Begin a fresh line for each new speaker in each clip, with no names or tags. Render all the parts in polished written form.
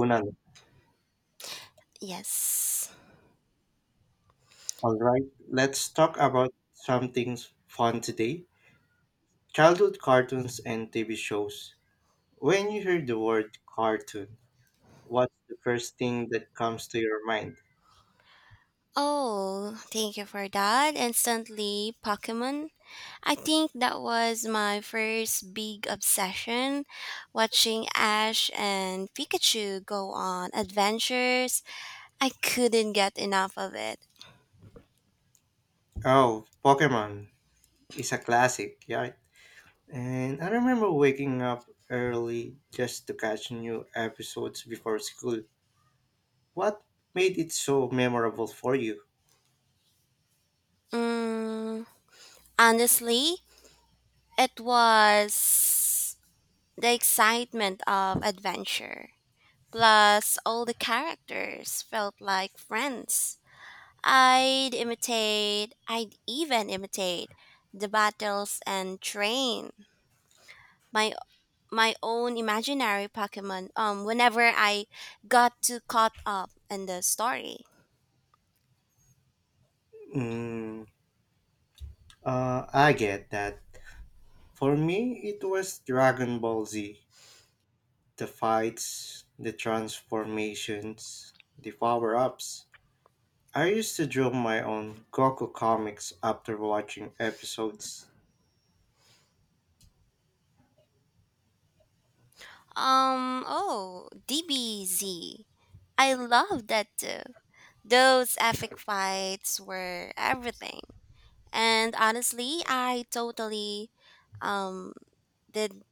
Kunal.
Yes.
All right, let's talk about something fun today, childhood cartoons and TV shows. When you hear the word cartoon, what's the first thing that comes to your mind?
Oh, thank you for that. Instantly, Pokemon. I think that was my first big obsession watching Ash and Pikachu go on adventures. I couldn't get enough of it.
Oh, Pokemon is a classic, yeah. And I remember waking up early just to catch new episodes before school. What made it so memorable for you?
Mm, Honestly, it was the excitement of adventure. Plus, all the characters felt like friends. I'd even imitate the battles and train my my own imaginary Pokemon whenever I got too caught up in the story.
Mm, I get that. For me, it was Dragon Ball Z. The fights, the transformations, the power ups. I used to draw my own Goku comics after watching episodes.
Oh, DBZ. I love that too. Those epic fights were everything. And honestly, I totally um did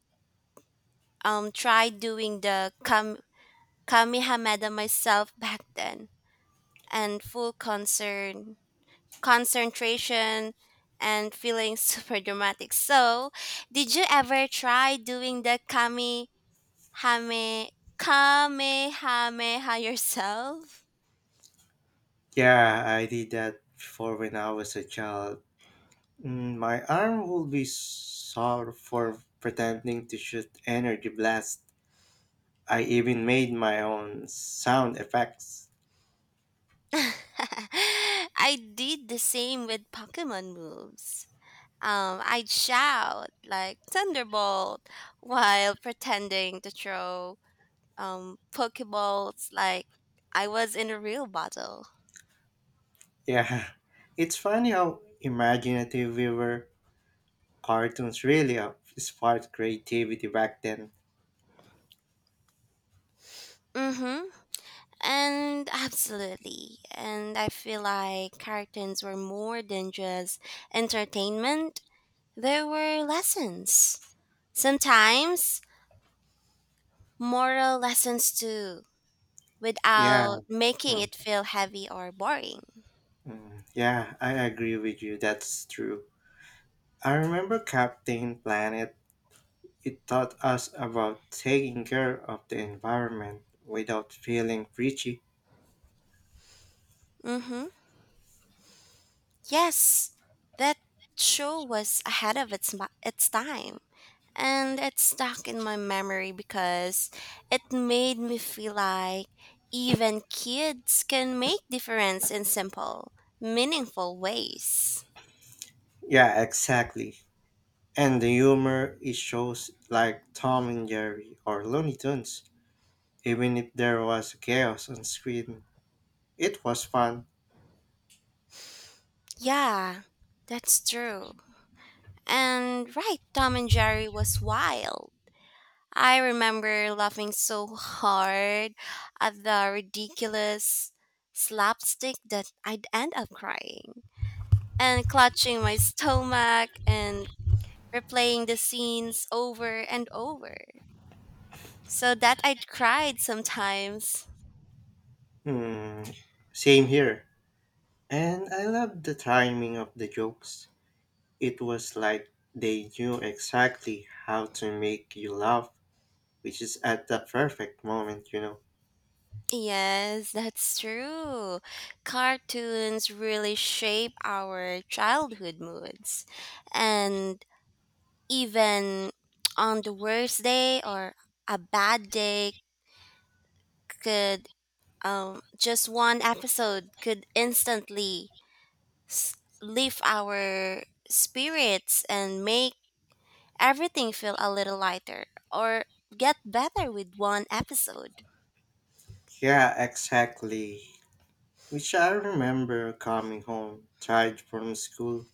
try doing the Kamehameha myself back then, and full concern concentration and feeling super dramatic. So, did you ever try doing the kami hame kamehameha yourself?
Yeah, I did that before when I was a child. Mm, my arm would be sore for pretending to shoot energy blasts. I even made my own sound effects.
I did the same with Pokemon moves. I'd shout like Thunderbolt while pretending to throw Pokeballs like I was in a real battle.
Yeah, it's funny how imaginative we were. Cartoons really sparked creativity back then.
Mm-hmm. And absolutely. And I feel like cartoons were more than just entertainment, they were lessons. Sometimes moral lessons too,
Yeah.
without making
Mm,
it feel heavy or boring.
mm. Yeah, I agree with you. That's true. I remember Captain Planet. It taught us about taking care of the environment without feeling preachy.
Mm-hmm. Yes, that show was ahead of its time, and it's stuck in my memory because it made me feel like even kids can make difference in simple, meaningful ways.
Yeah, exactly. And the humor it shows like Tom and Jerry or Looney Tunes. Even if there was chaos on screen, it was fun.
Yeah, that's true. And right, Tom and Jerry was wild. I remember laughing so hard at the ridiculous slapstick that I'd end up crying and clutching my stomach and replaying the scenes over and over. So that I cried sometimes.
Hmm. Same here. And I love the timing of the jokes. It was like they knew exactly how to make you laugh, which is at the perfect moment,
Yes, that's true. Cartoons really shape our childhood moods. And even on the worst day or a bad day could just one episode could instantly s- lift our spirits and make everything feel a little lighter or get better with one episode.
Yeah, exactly. Which I remember coming home, tired from school,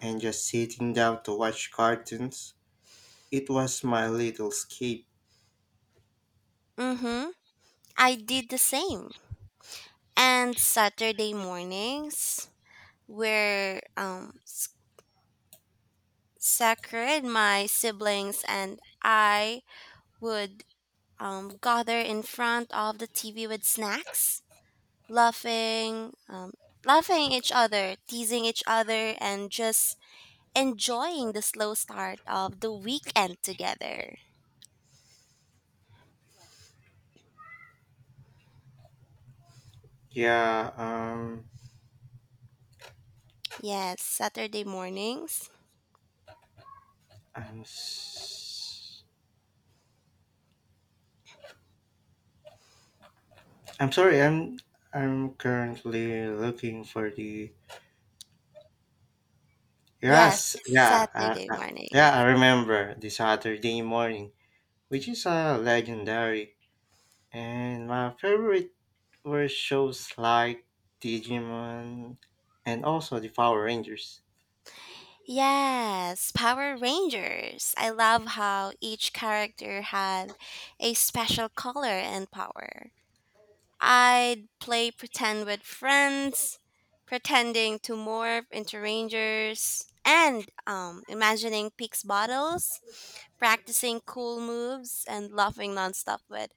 and just sitting down to watch cartoons. It was my little escape.
Mm-hmm. I did the same. And Saturday mornings were sacred. My siblings and I would gather in front of the TV with snacks, laughing, laughing each other, teasing each other, and just enjoying the slow start of the weekend together.
Yeah,
Yes, Saturday mornings.
I'm, s- I'm sorry, I'm currently looking for the.
Yes,
Yes, yeah,
Saturday
yeah, I
mornings.
remember the Saturday morning, which is a legendary. And my favorite were shows like Digimon and also the Power Rangers.
Yes, Power Rangers. I love how each character had a special color and power. I'd play pretend with friends, pretending to morph into rangers, and imagining Peaks bottles, practicing cool moves, and laughing nonstop with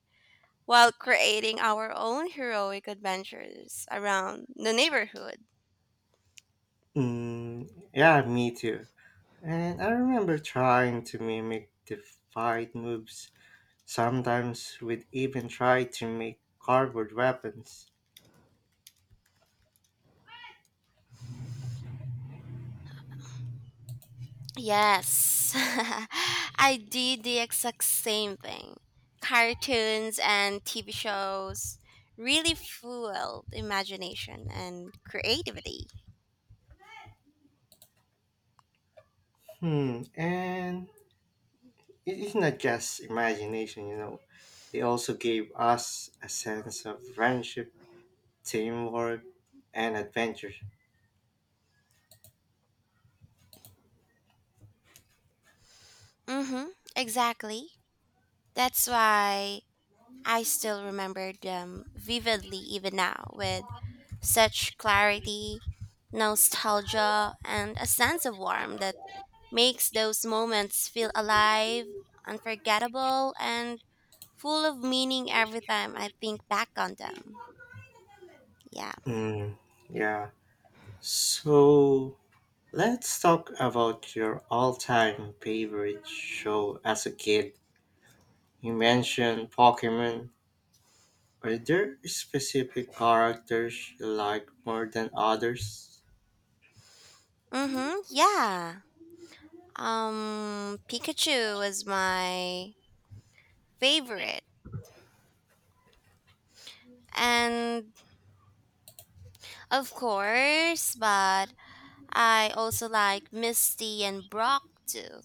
while creating our own heroic adventures around the neighborhood.
Mm, yeah, me too. And I remember trying to mimic the fight moves. Sometimes we'd even try to make cardboard weapons.
Yes, I did the exact same thing. Cartoons and TV shows really fueled imagination and creativity.
Hmm. And it is not just imagination, They also gave us a sense of friendship, teamwork, and adventure.
Mm-hmm, exactly. That's why I still remember them vividly even now with such clarity, nostalgia, and a sense of warmth that makes those moments feel alive, unforgettable, and full of meaning every time I think back on them. Yeah.
Mm, yeah. So let's talk about your all time favorite show as a kid. You mentioned Pokemon. Are there specific characters you like more than others?
Mm-hmm. Yeah. Pikachu was my favorite. And of course, but I also like Misty and Brock too.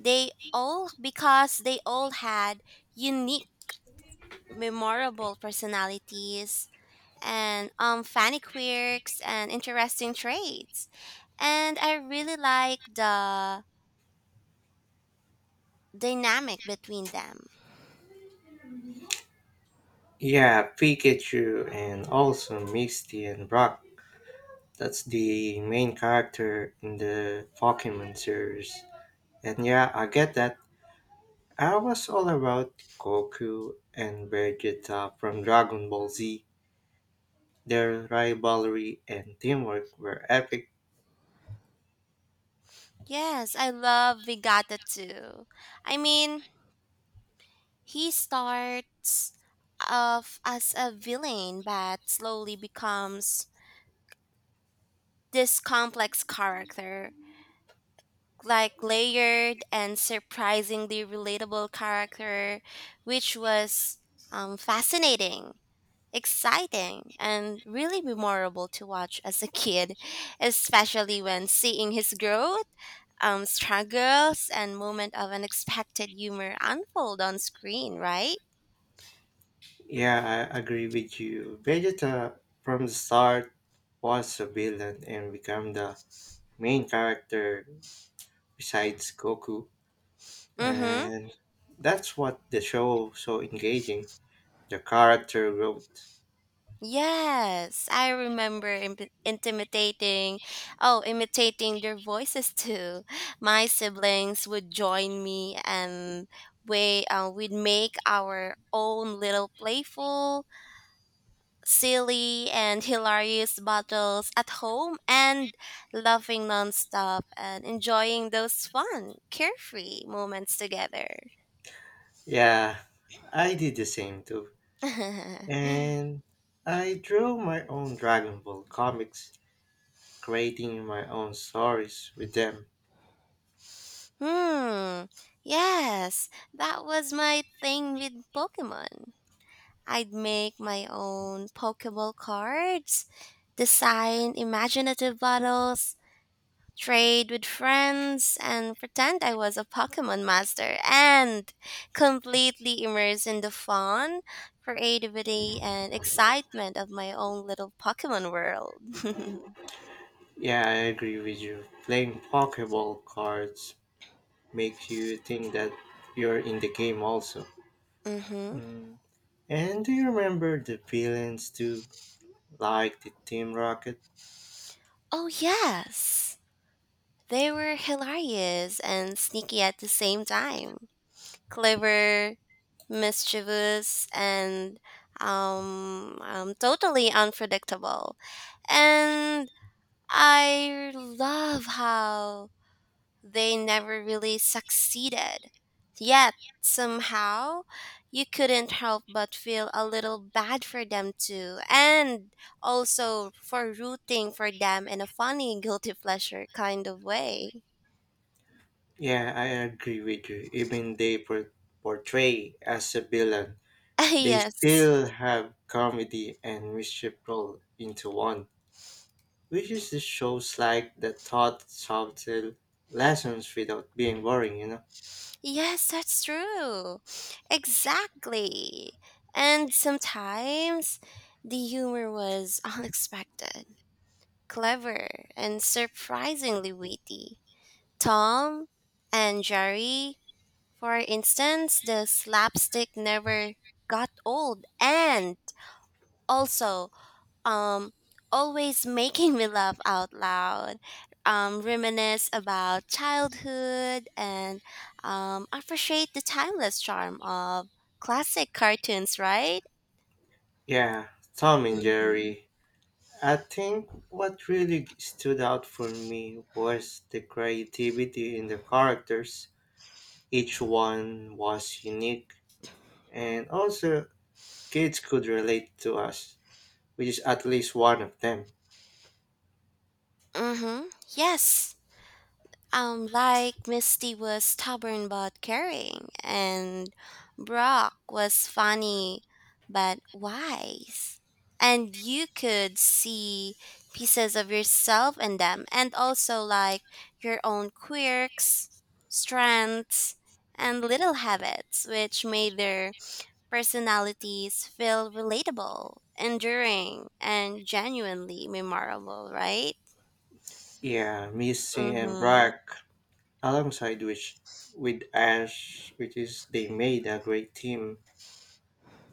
They all because they all had unique memorable personalities and funny quirks and interesting traits. And I really like the dynamic between them.
Yeah, Pikachu and also Misty and Brock. That's the main character in the Pokemon series. And yeah, I get that. I was all about Goku and Vegeta from Dragon Ball Z. Their rivalry and teamwork were epic.
Yes, I love Vigata too. I mean, he starts off as a villain but slowly becomes this complex character, like layered and surprisingly relatable character, which was fascinating exciting and really memorable to watch as a kid, especially when seeing his growth, struggles, and moment of unexpected humor unfold on screen, right?
Yeah, I agree with you. Vegeta from the start was a villain and became the main character besides Goku.
Mm-hmm.
And that's what the show so engaging. The character growth.
Yes, I remember intimidating, oh, imitating their voices too. My siblings would join me and we'd make our own little playful silly and hilarious battles at home and laughing nonstop and enjoying those fun, carefree moments together.
Yeah, I did the same too.
Hmm.
And I drew my own Dragon Ball comics, creating my own stories with them.
Yes, that was my thing with Pokemon. I'd make my own Pokeball cards, design imaginative bottles, trade with friends, and pretend I was a Pokemon master and completely immerse in the fun, creativity, and excitement of my own little Pokemon world.
Yeah, I agree with you. Playing Pokeball cards makes you think that you're in the game also.
Hmm.
Mm. And do you remember the villains too, like the Team Rocket?
Oh, yes. They were hilarious and sneaky at the same time. Clever, mischievous, and totally unpredictable. And I love how they never really succeeded. Yet, somehow, you couldn't help but feel a little bad for them too, and also for rooting for them in a funny, guilty pleasure kind of way.
Yeah, I agree with you. Even they portray as a villain, they
Yes.
still have comedy and mischief rolled into one, which is the shows like the taught subtle lessons without being boring,
Yes, that's true. Exactly. And sometimes the humor was unexpected, clever, and surprisingly witty. Tom and Jerry, for instance, the slapstick never got old and also um always making me laugh out loud. Reminisce about childhood and appreciate the timeless charm of classic cartoons, right?
Yeah, Tom and
Mm-hmm.
Jerry. I think what really stood out for me was the creativity in the characters. Each one was unique, and also kids could relate to us, which is at least one of them.
Mm-hmm. Yes. Like Misty was stubborn but caring, and Brock was funny but wise. And you could see pieces of yourself in them, and also like your own quirks, strengths, and little habits, which made their personalities feel relatable, enduring, and genuinely memorable, right?
Yeah, Missy
Mm
and
hmm.
Brack, alongside which with Ash, which is they made a great team.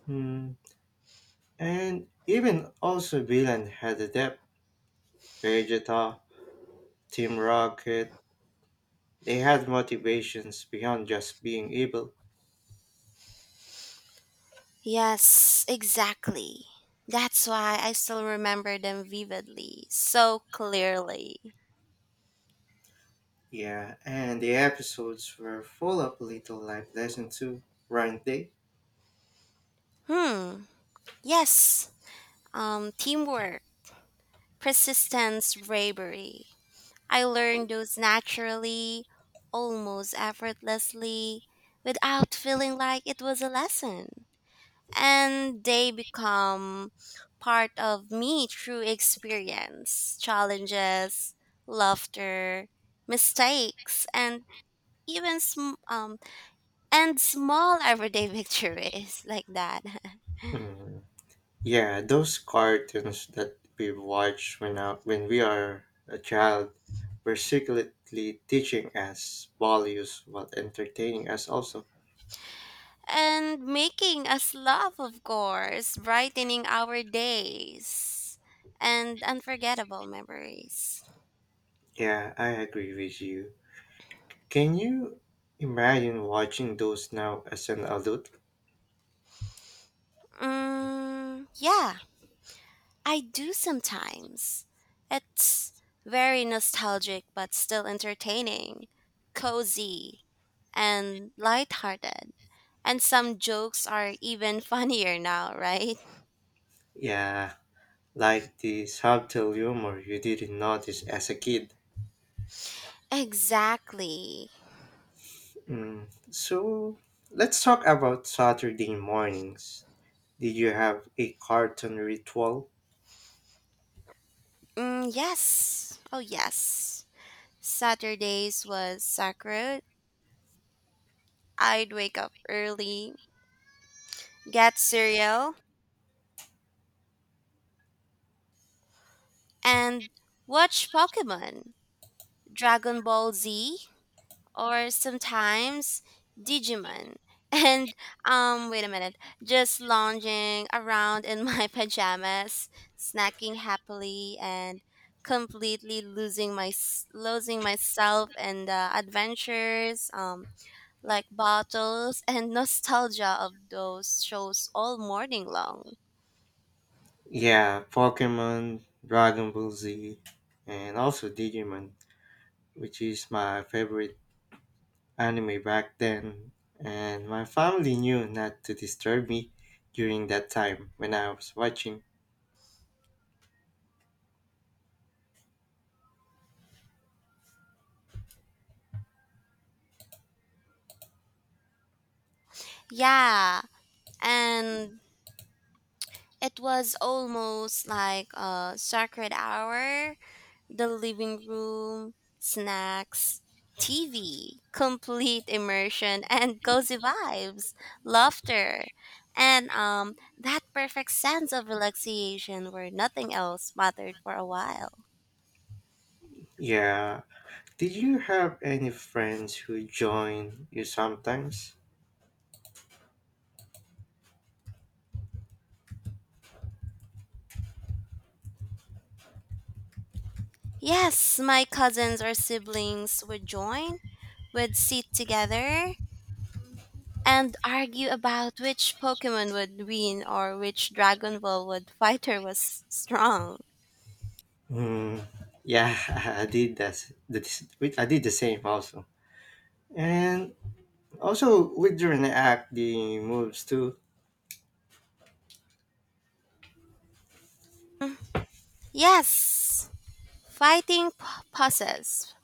Hmm. And even also villain had a depth. Vegeta, Team Rocket, they had motivations beyond just being evil.
Yes, exactly. That's why I still remember them vividly, so clearly.
Yeah, and the episodes were full of little life lessons too, weren't they?
Hmm. Yes. Teamwork, persistence, bravery. I learned those naturally, almost effortlessly, without feeling like it was a lesson. And they become part of me through experience, challenges, laughter, mistakes, and even and small everyday victories like that
Hmm. Yeah, those cartoons that we watched when when we are a child were secretly teaching us values while entertaining us also.
and making us laugh of course brightening our days and unforgettable memories.
Yeah, I agree with you. Can you imagine watching those now as an adult?
Yeah, I do sometimes. It's very nostalgic but still entertaining, cozy and lighthearted, and some jokes are even funnier now, right?
Yeah, like the subtle humor you didn't notice as a kid.
Exactly.
Mm. So, let's talk about Saturday mornings. Did you have a cartoon ritual?
Yes. Oh, yes. Saturdays was sacred. I'd wake up early, get cereal, and watch Pokemon, Dragon Ball Z, or sometimes Digimon. And, um, wait a minute, just lounging around in my pajamas, snacking happily, and completely losing myself in the adventures like bottles and nostalgia of those shows all morning long.
Yeah, Pokemon, Dragon Ball Z, and also Digimon, which is my favorite anime back then. And my family knew not to disturb me during that time when I was watching.
Yeah, and it was almost like a sacred hour, the living room, snacks, TV, complete immersion and cozy vibes, laughter, and that perfect sense of relaxation where nothing else mattered for a while.
Yeah, did you have any friends who joined you sometimes?
Yes, my cousins or siblings would sit together and argue about which Pokemon would win or which Dragon Ball would fighter was strong.
Hmm, yeah, I did that. I did the same also, and also with the moves too.
Yes, fighting poses,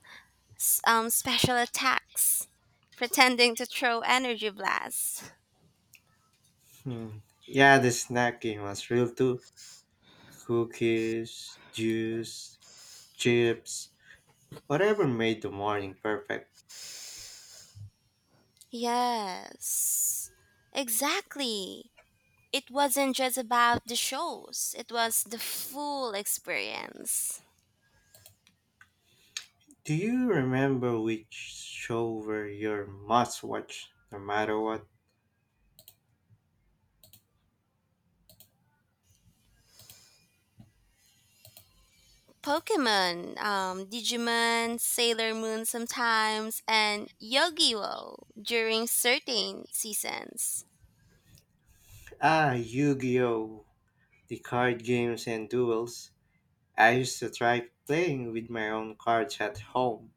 special attacks, pretending to throw energy blasts.
Hmm. Yeah, the snacking was real too. Cookies, juice, chips, whatever made the morning perfect.
Yes, exactly. It wasn't just about the shows, it was the full experience.
Do you remember which show were your must-watch, no matter what?
Pokemon, Digimon, Sailor Moon sometimes, and Yogiwo during certain seasons.
Ah, Yu-Gi-Oh, the card games and duels. I used to try playing with my own cards at home.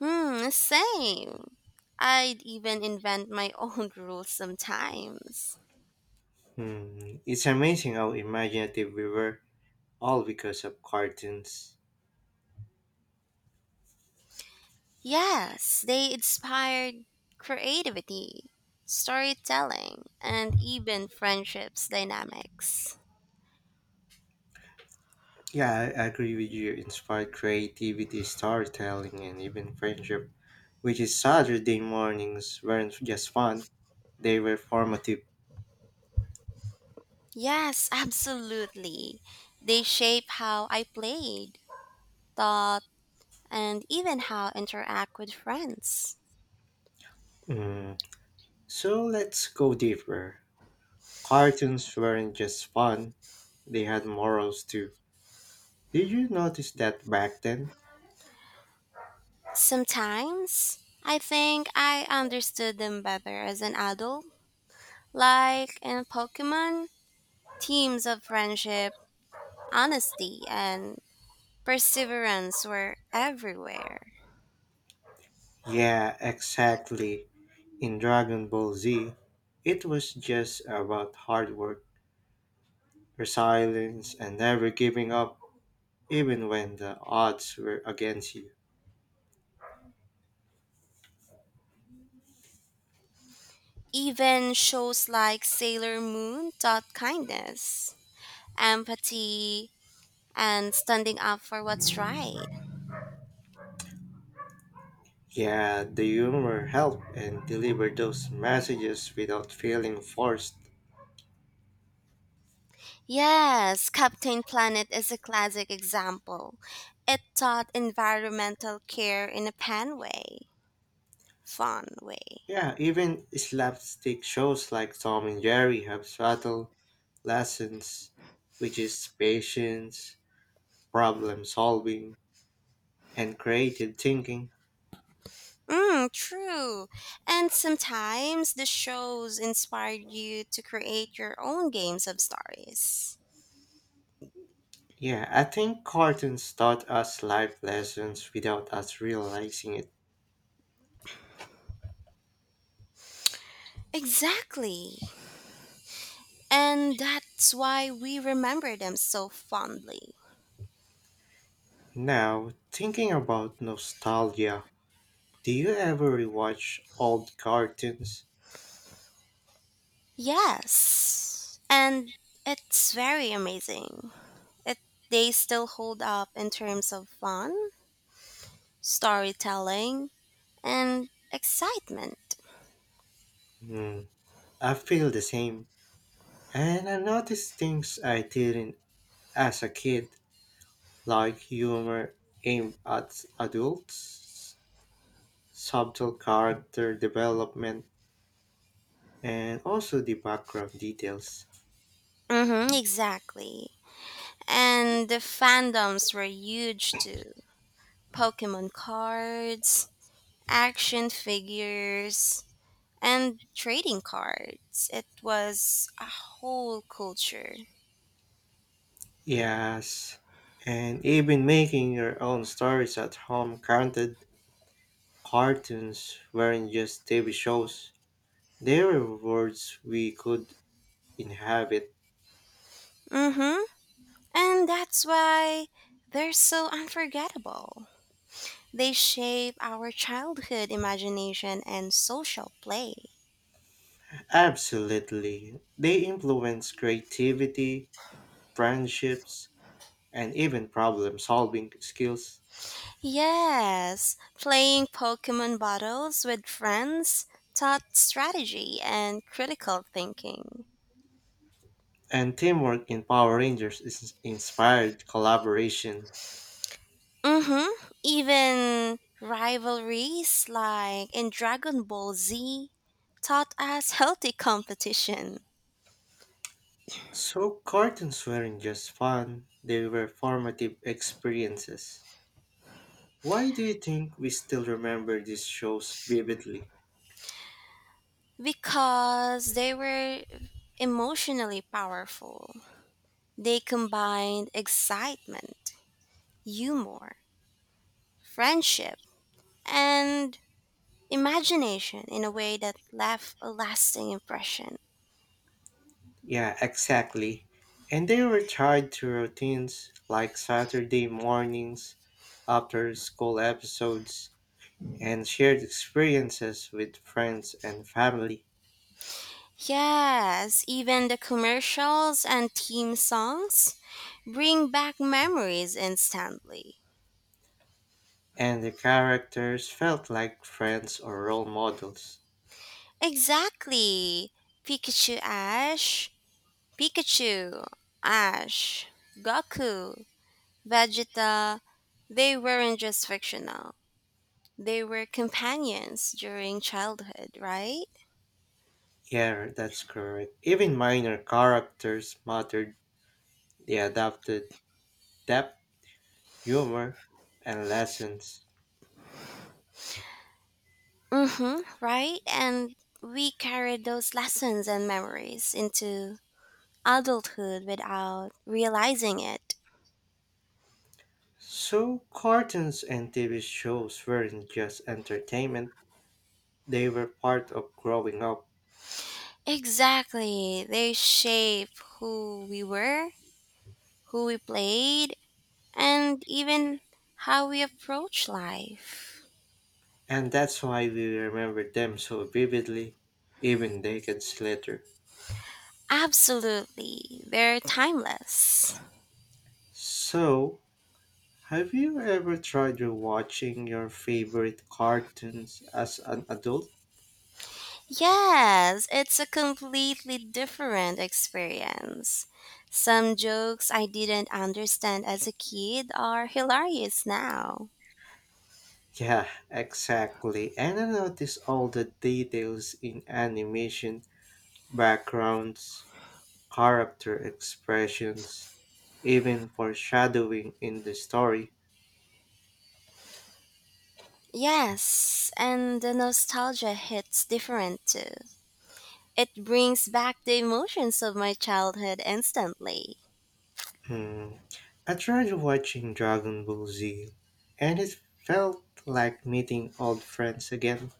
Hmm, same. I'd even invent my own rules sometimes.
Hmm, it's amazing how imaginative we were, all because of cartoons.
Yes, they inspired creativity, storytelling, and even friendships dynamics.
Yeah, I agree with you. Inspired creativity, storytelling, and even friendship, which is Saturday mornings weren't just fun, they were formative.
Yes, absolutely. They shape how I played, thought, and even how I interact with friends.
Mm. So let's go deeper. Cartoons weren't just fun, they had morals too. Did you notice that back then?
Sometimes I think I understood them better as an adult, like in Pokemon, themes of friendship, honesty, and perseverance were everywhere.
Yeah, exactly. In Dragon Ball Z, it was just about hard work, resilience, and never giving up even when the odds were against you.
Even shows like Sailor Moon taught kindness, empathy, and standing up for what's right.
Yeah, the humor helped and delivered those messages without feeling forced.
Yes, Captain Planet is a classic example. It taught environmental care in a fun way.
Yeah, even slapstick shows like Tom and Jerry have subtle lessons, which is patience, problem solving, and creative thinking.
True. And sometimes the shows inspired you to create your own games of stories.
Yeah, I think cartoons taught us life lessons without us realizing it.
Exactly. And that's why we remember them so fondly.
Now, thinking about nostalgia, do you ever rewatch old cartoons?
Yes. And it's very amazing. It They still hold up in terms of fun, storytelling, and excitement.
Hmm, I feel the same. And I notice things I didn't as a kid, like humor aimed at adults, subtle character development, and also the background details.
Mm-hmm, exactly. And the fandoms were huge too. Pokemon cards, action figures, and trading cards. It was a whole culture.
Yes, and even making your own stories at home counted. Cartoons weren't just TV shows, they were worlds we could inhabit.
Mm-hmm. And that's why they're so unforgettable. They shape our childhood imagination and social play.
Absolutely. They influence creativity, friendships, and even problem solving skills.
Yes, playing Pokemon battles with friends taught strategy and critical thinking.
And teamwork in Power Rangers is inspired collaboration.
Mm-hmm. Even rivalries like in Dragon Ball Z taught us healthy competition
So, cartoons weren't just fun, they were formative experiences. Why do you think we still remember these shows vividly?
because they were emotionally powerful. They combined excitement, humor, friendship, and imagination in a way that left a lasting impression.
Yeah, exactly. And they were tied to routines like Saturday mornings, after school episodes, and shared experiences with friends and family,
Yes, even the commercials and theme songs bring back memories instantly.
and the characters felt like friends or role models.
Exactly. Pikachu Ash, Pikachu, Ash, Goku, Vegeta, they weren't just fictional. They were companions during childhood, right?
Yeah, that's correct. Even minor characters mattered. They adapted depth, humor, and lessons.
Mhm, right? And we carried those lessons and memories into adulthood without realizing it.
So, cartoons and TV shows weren't just entertainment, they were part of growing up,
Exactly. They shape who we were, who we played, and even how we approach life.
and that's why we remember them so vividly, even decades later.
Absolutely. They're timeless.
So, have you ever tried rewatching your favorite cartoons as an adult?
Yes, it's a completely different experience. Some jokes I didn't understand as a kid are hilarious now.
Yeah, exactly. And I noticed all the details in animation, backgrounds, character expressions, even foreshadowing in the story.
Yes, and the nostalgia hits different too. It brings back the emotions of my childhood instantly.
Hmm. I tried watching Dragon Ball Z, and it felt like meeting old friends again.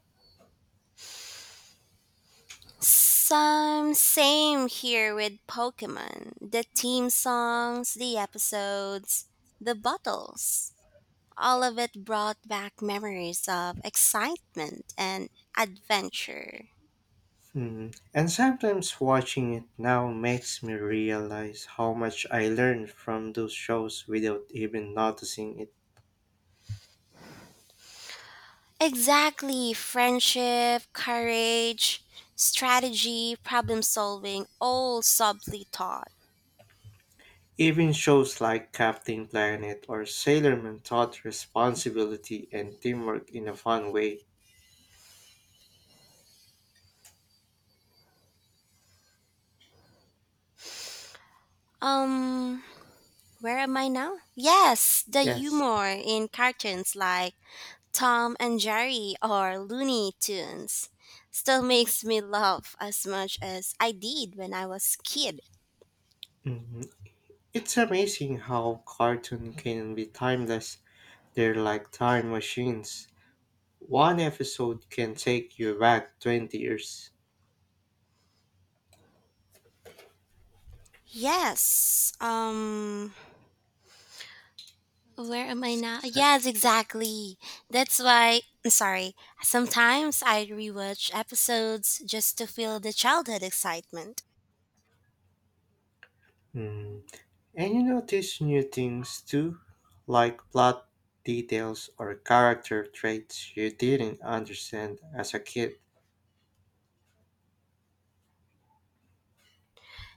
Some same here with Pokemon. The theme songs, the episodes, the bottles. All of it brought back memories of excitement and adventure.
Hmm. And sometimes watching it now makes me realize how much I learned from those shows without even noticing it.
Exactly, friendship, courage, strategy, problem solving, all subtly taught.
Even shows like Captain Planet or Sailor Moon taught responsibility and teamwork in a fun way.
Um, Where am I now? Yes, the
Yes.
humor in cartoons like Tom and Jerry or Looney Tunes still makes me laugh as much as I did when I was a kid.
Hmm. It's amazing how cartoon can be timeless. They're like time machines. One episode can take you back 20 years.
Yes. Where am I now?
Exactly.
Yes, exactly. That's why I'm sorry. Sometimes I rewatch episodes just to feel the childhood excitement.
And you notice new things too, like plot details or character traits you didn't understand as a kid.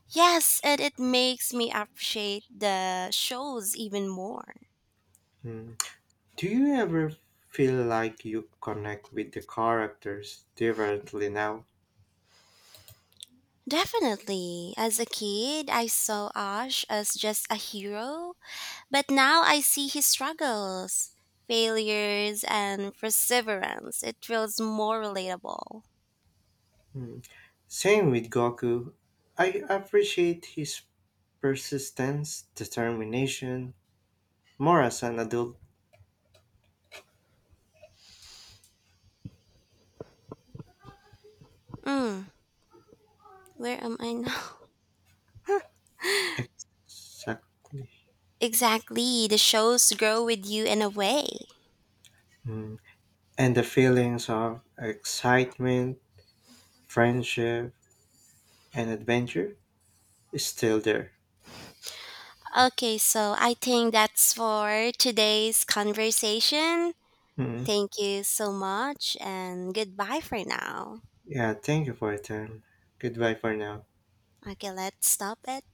Yes, and it makes me appreciate the shows even more.
Mm. Do you ever feel like you connect with the characters differently now?
Definitely. As a kid, I saw Ash as just a hero, but now I see his struggles, failures, and perseverance. It feels more relatable.
Mm. Same with Goku. I appreciate his persistence, determination, more as an adult.
Mm, where am I now?
Exactly.
Exactly. The shows grow with you in a way.
Mm. And the feelings of excitement, friendship, and adventure is still there.
Okay, so I think that's for today's conversation.
Mhm.
Thank you so much, and goodbye for now.
Yeah, thank you for your time. Goodbye for now.
Okay, let's stop it.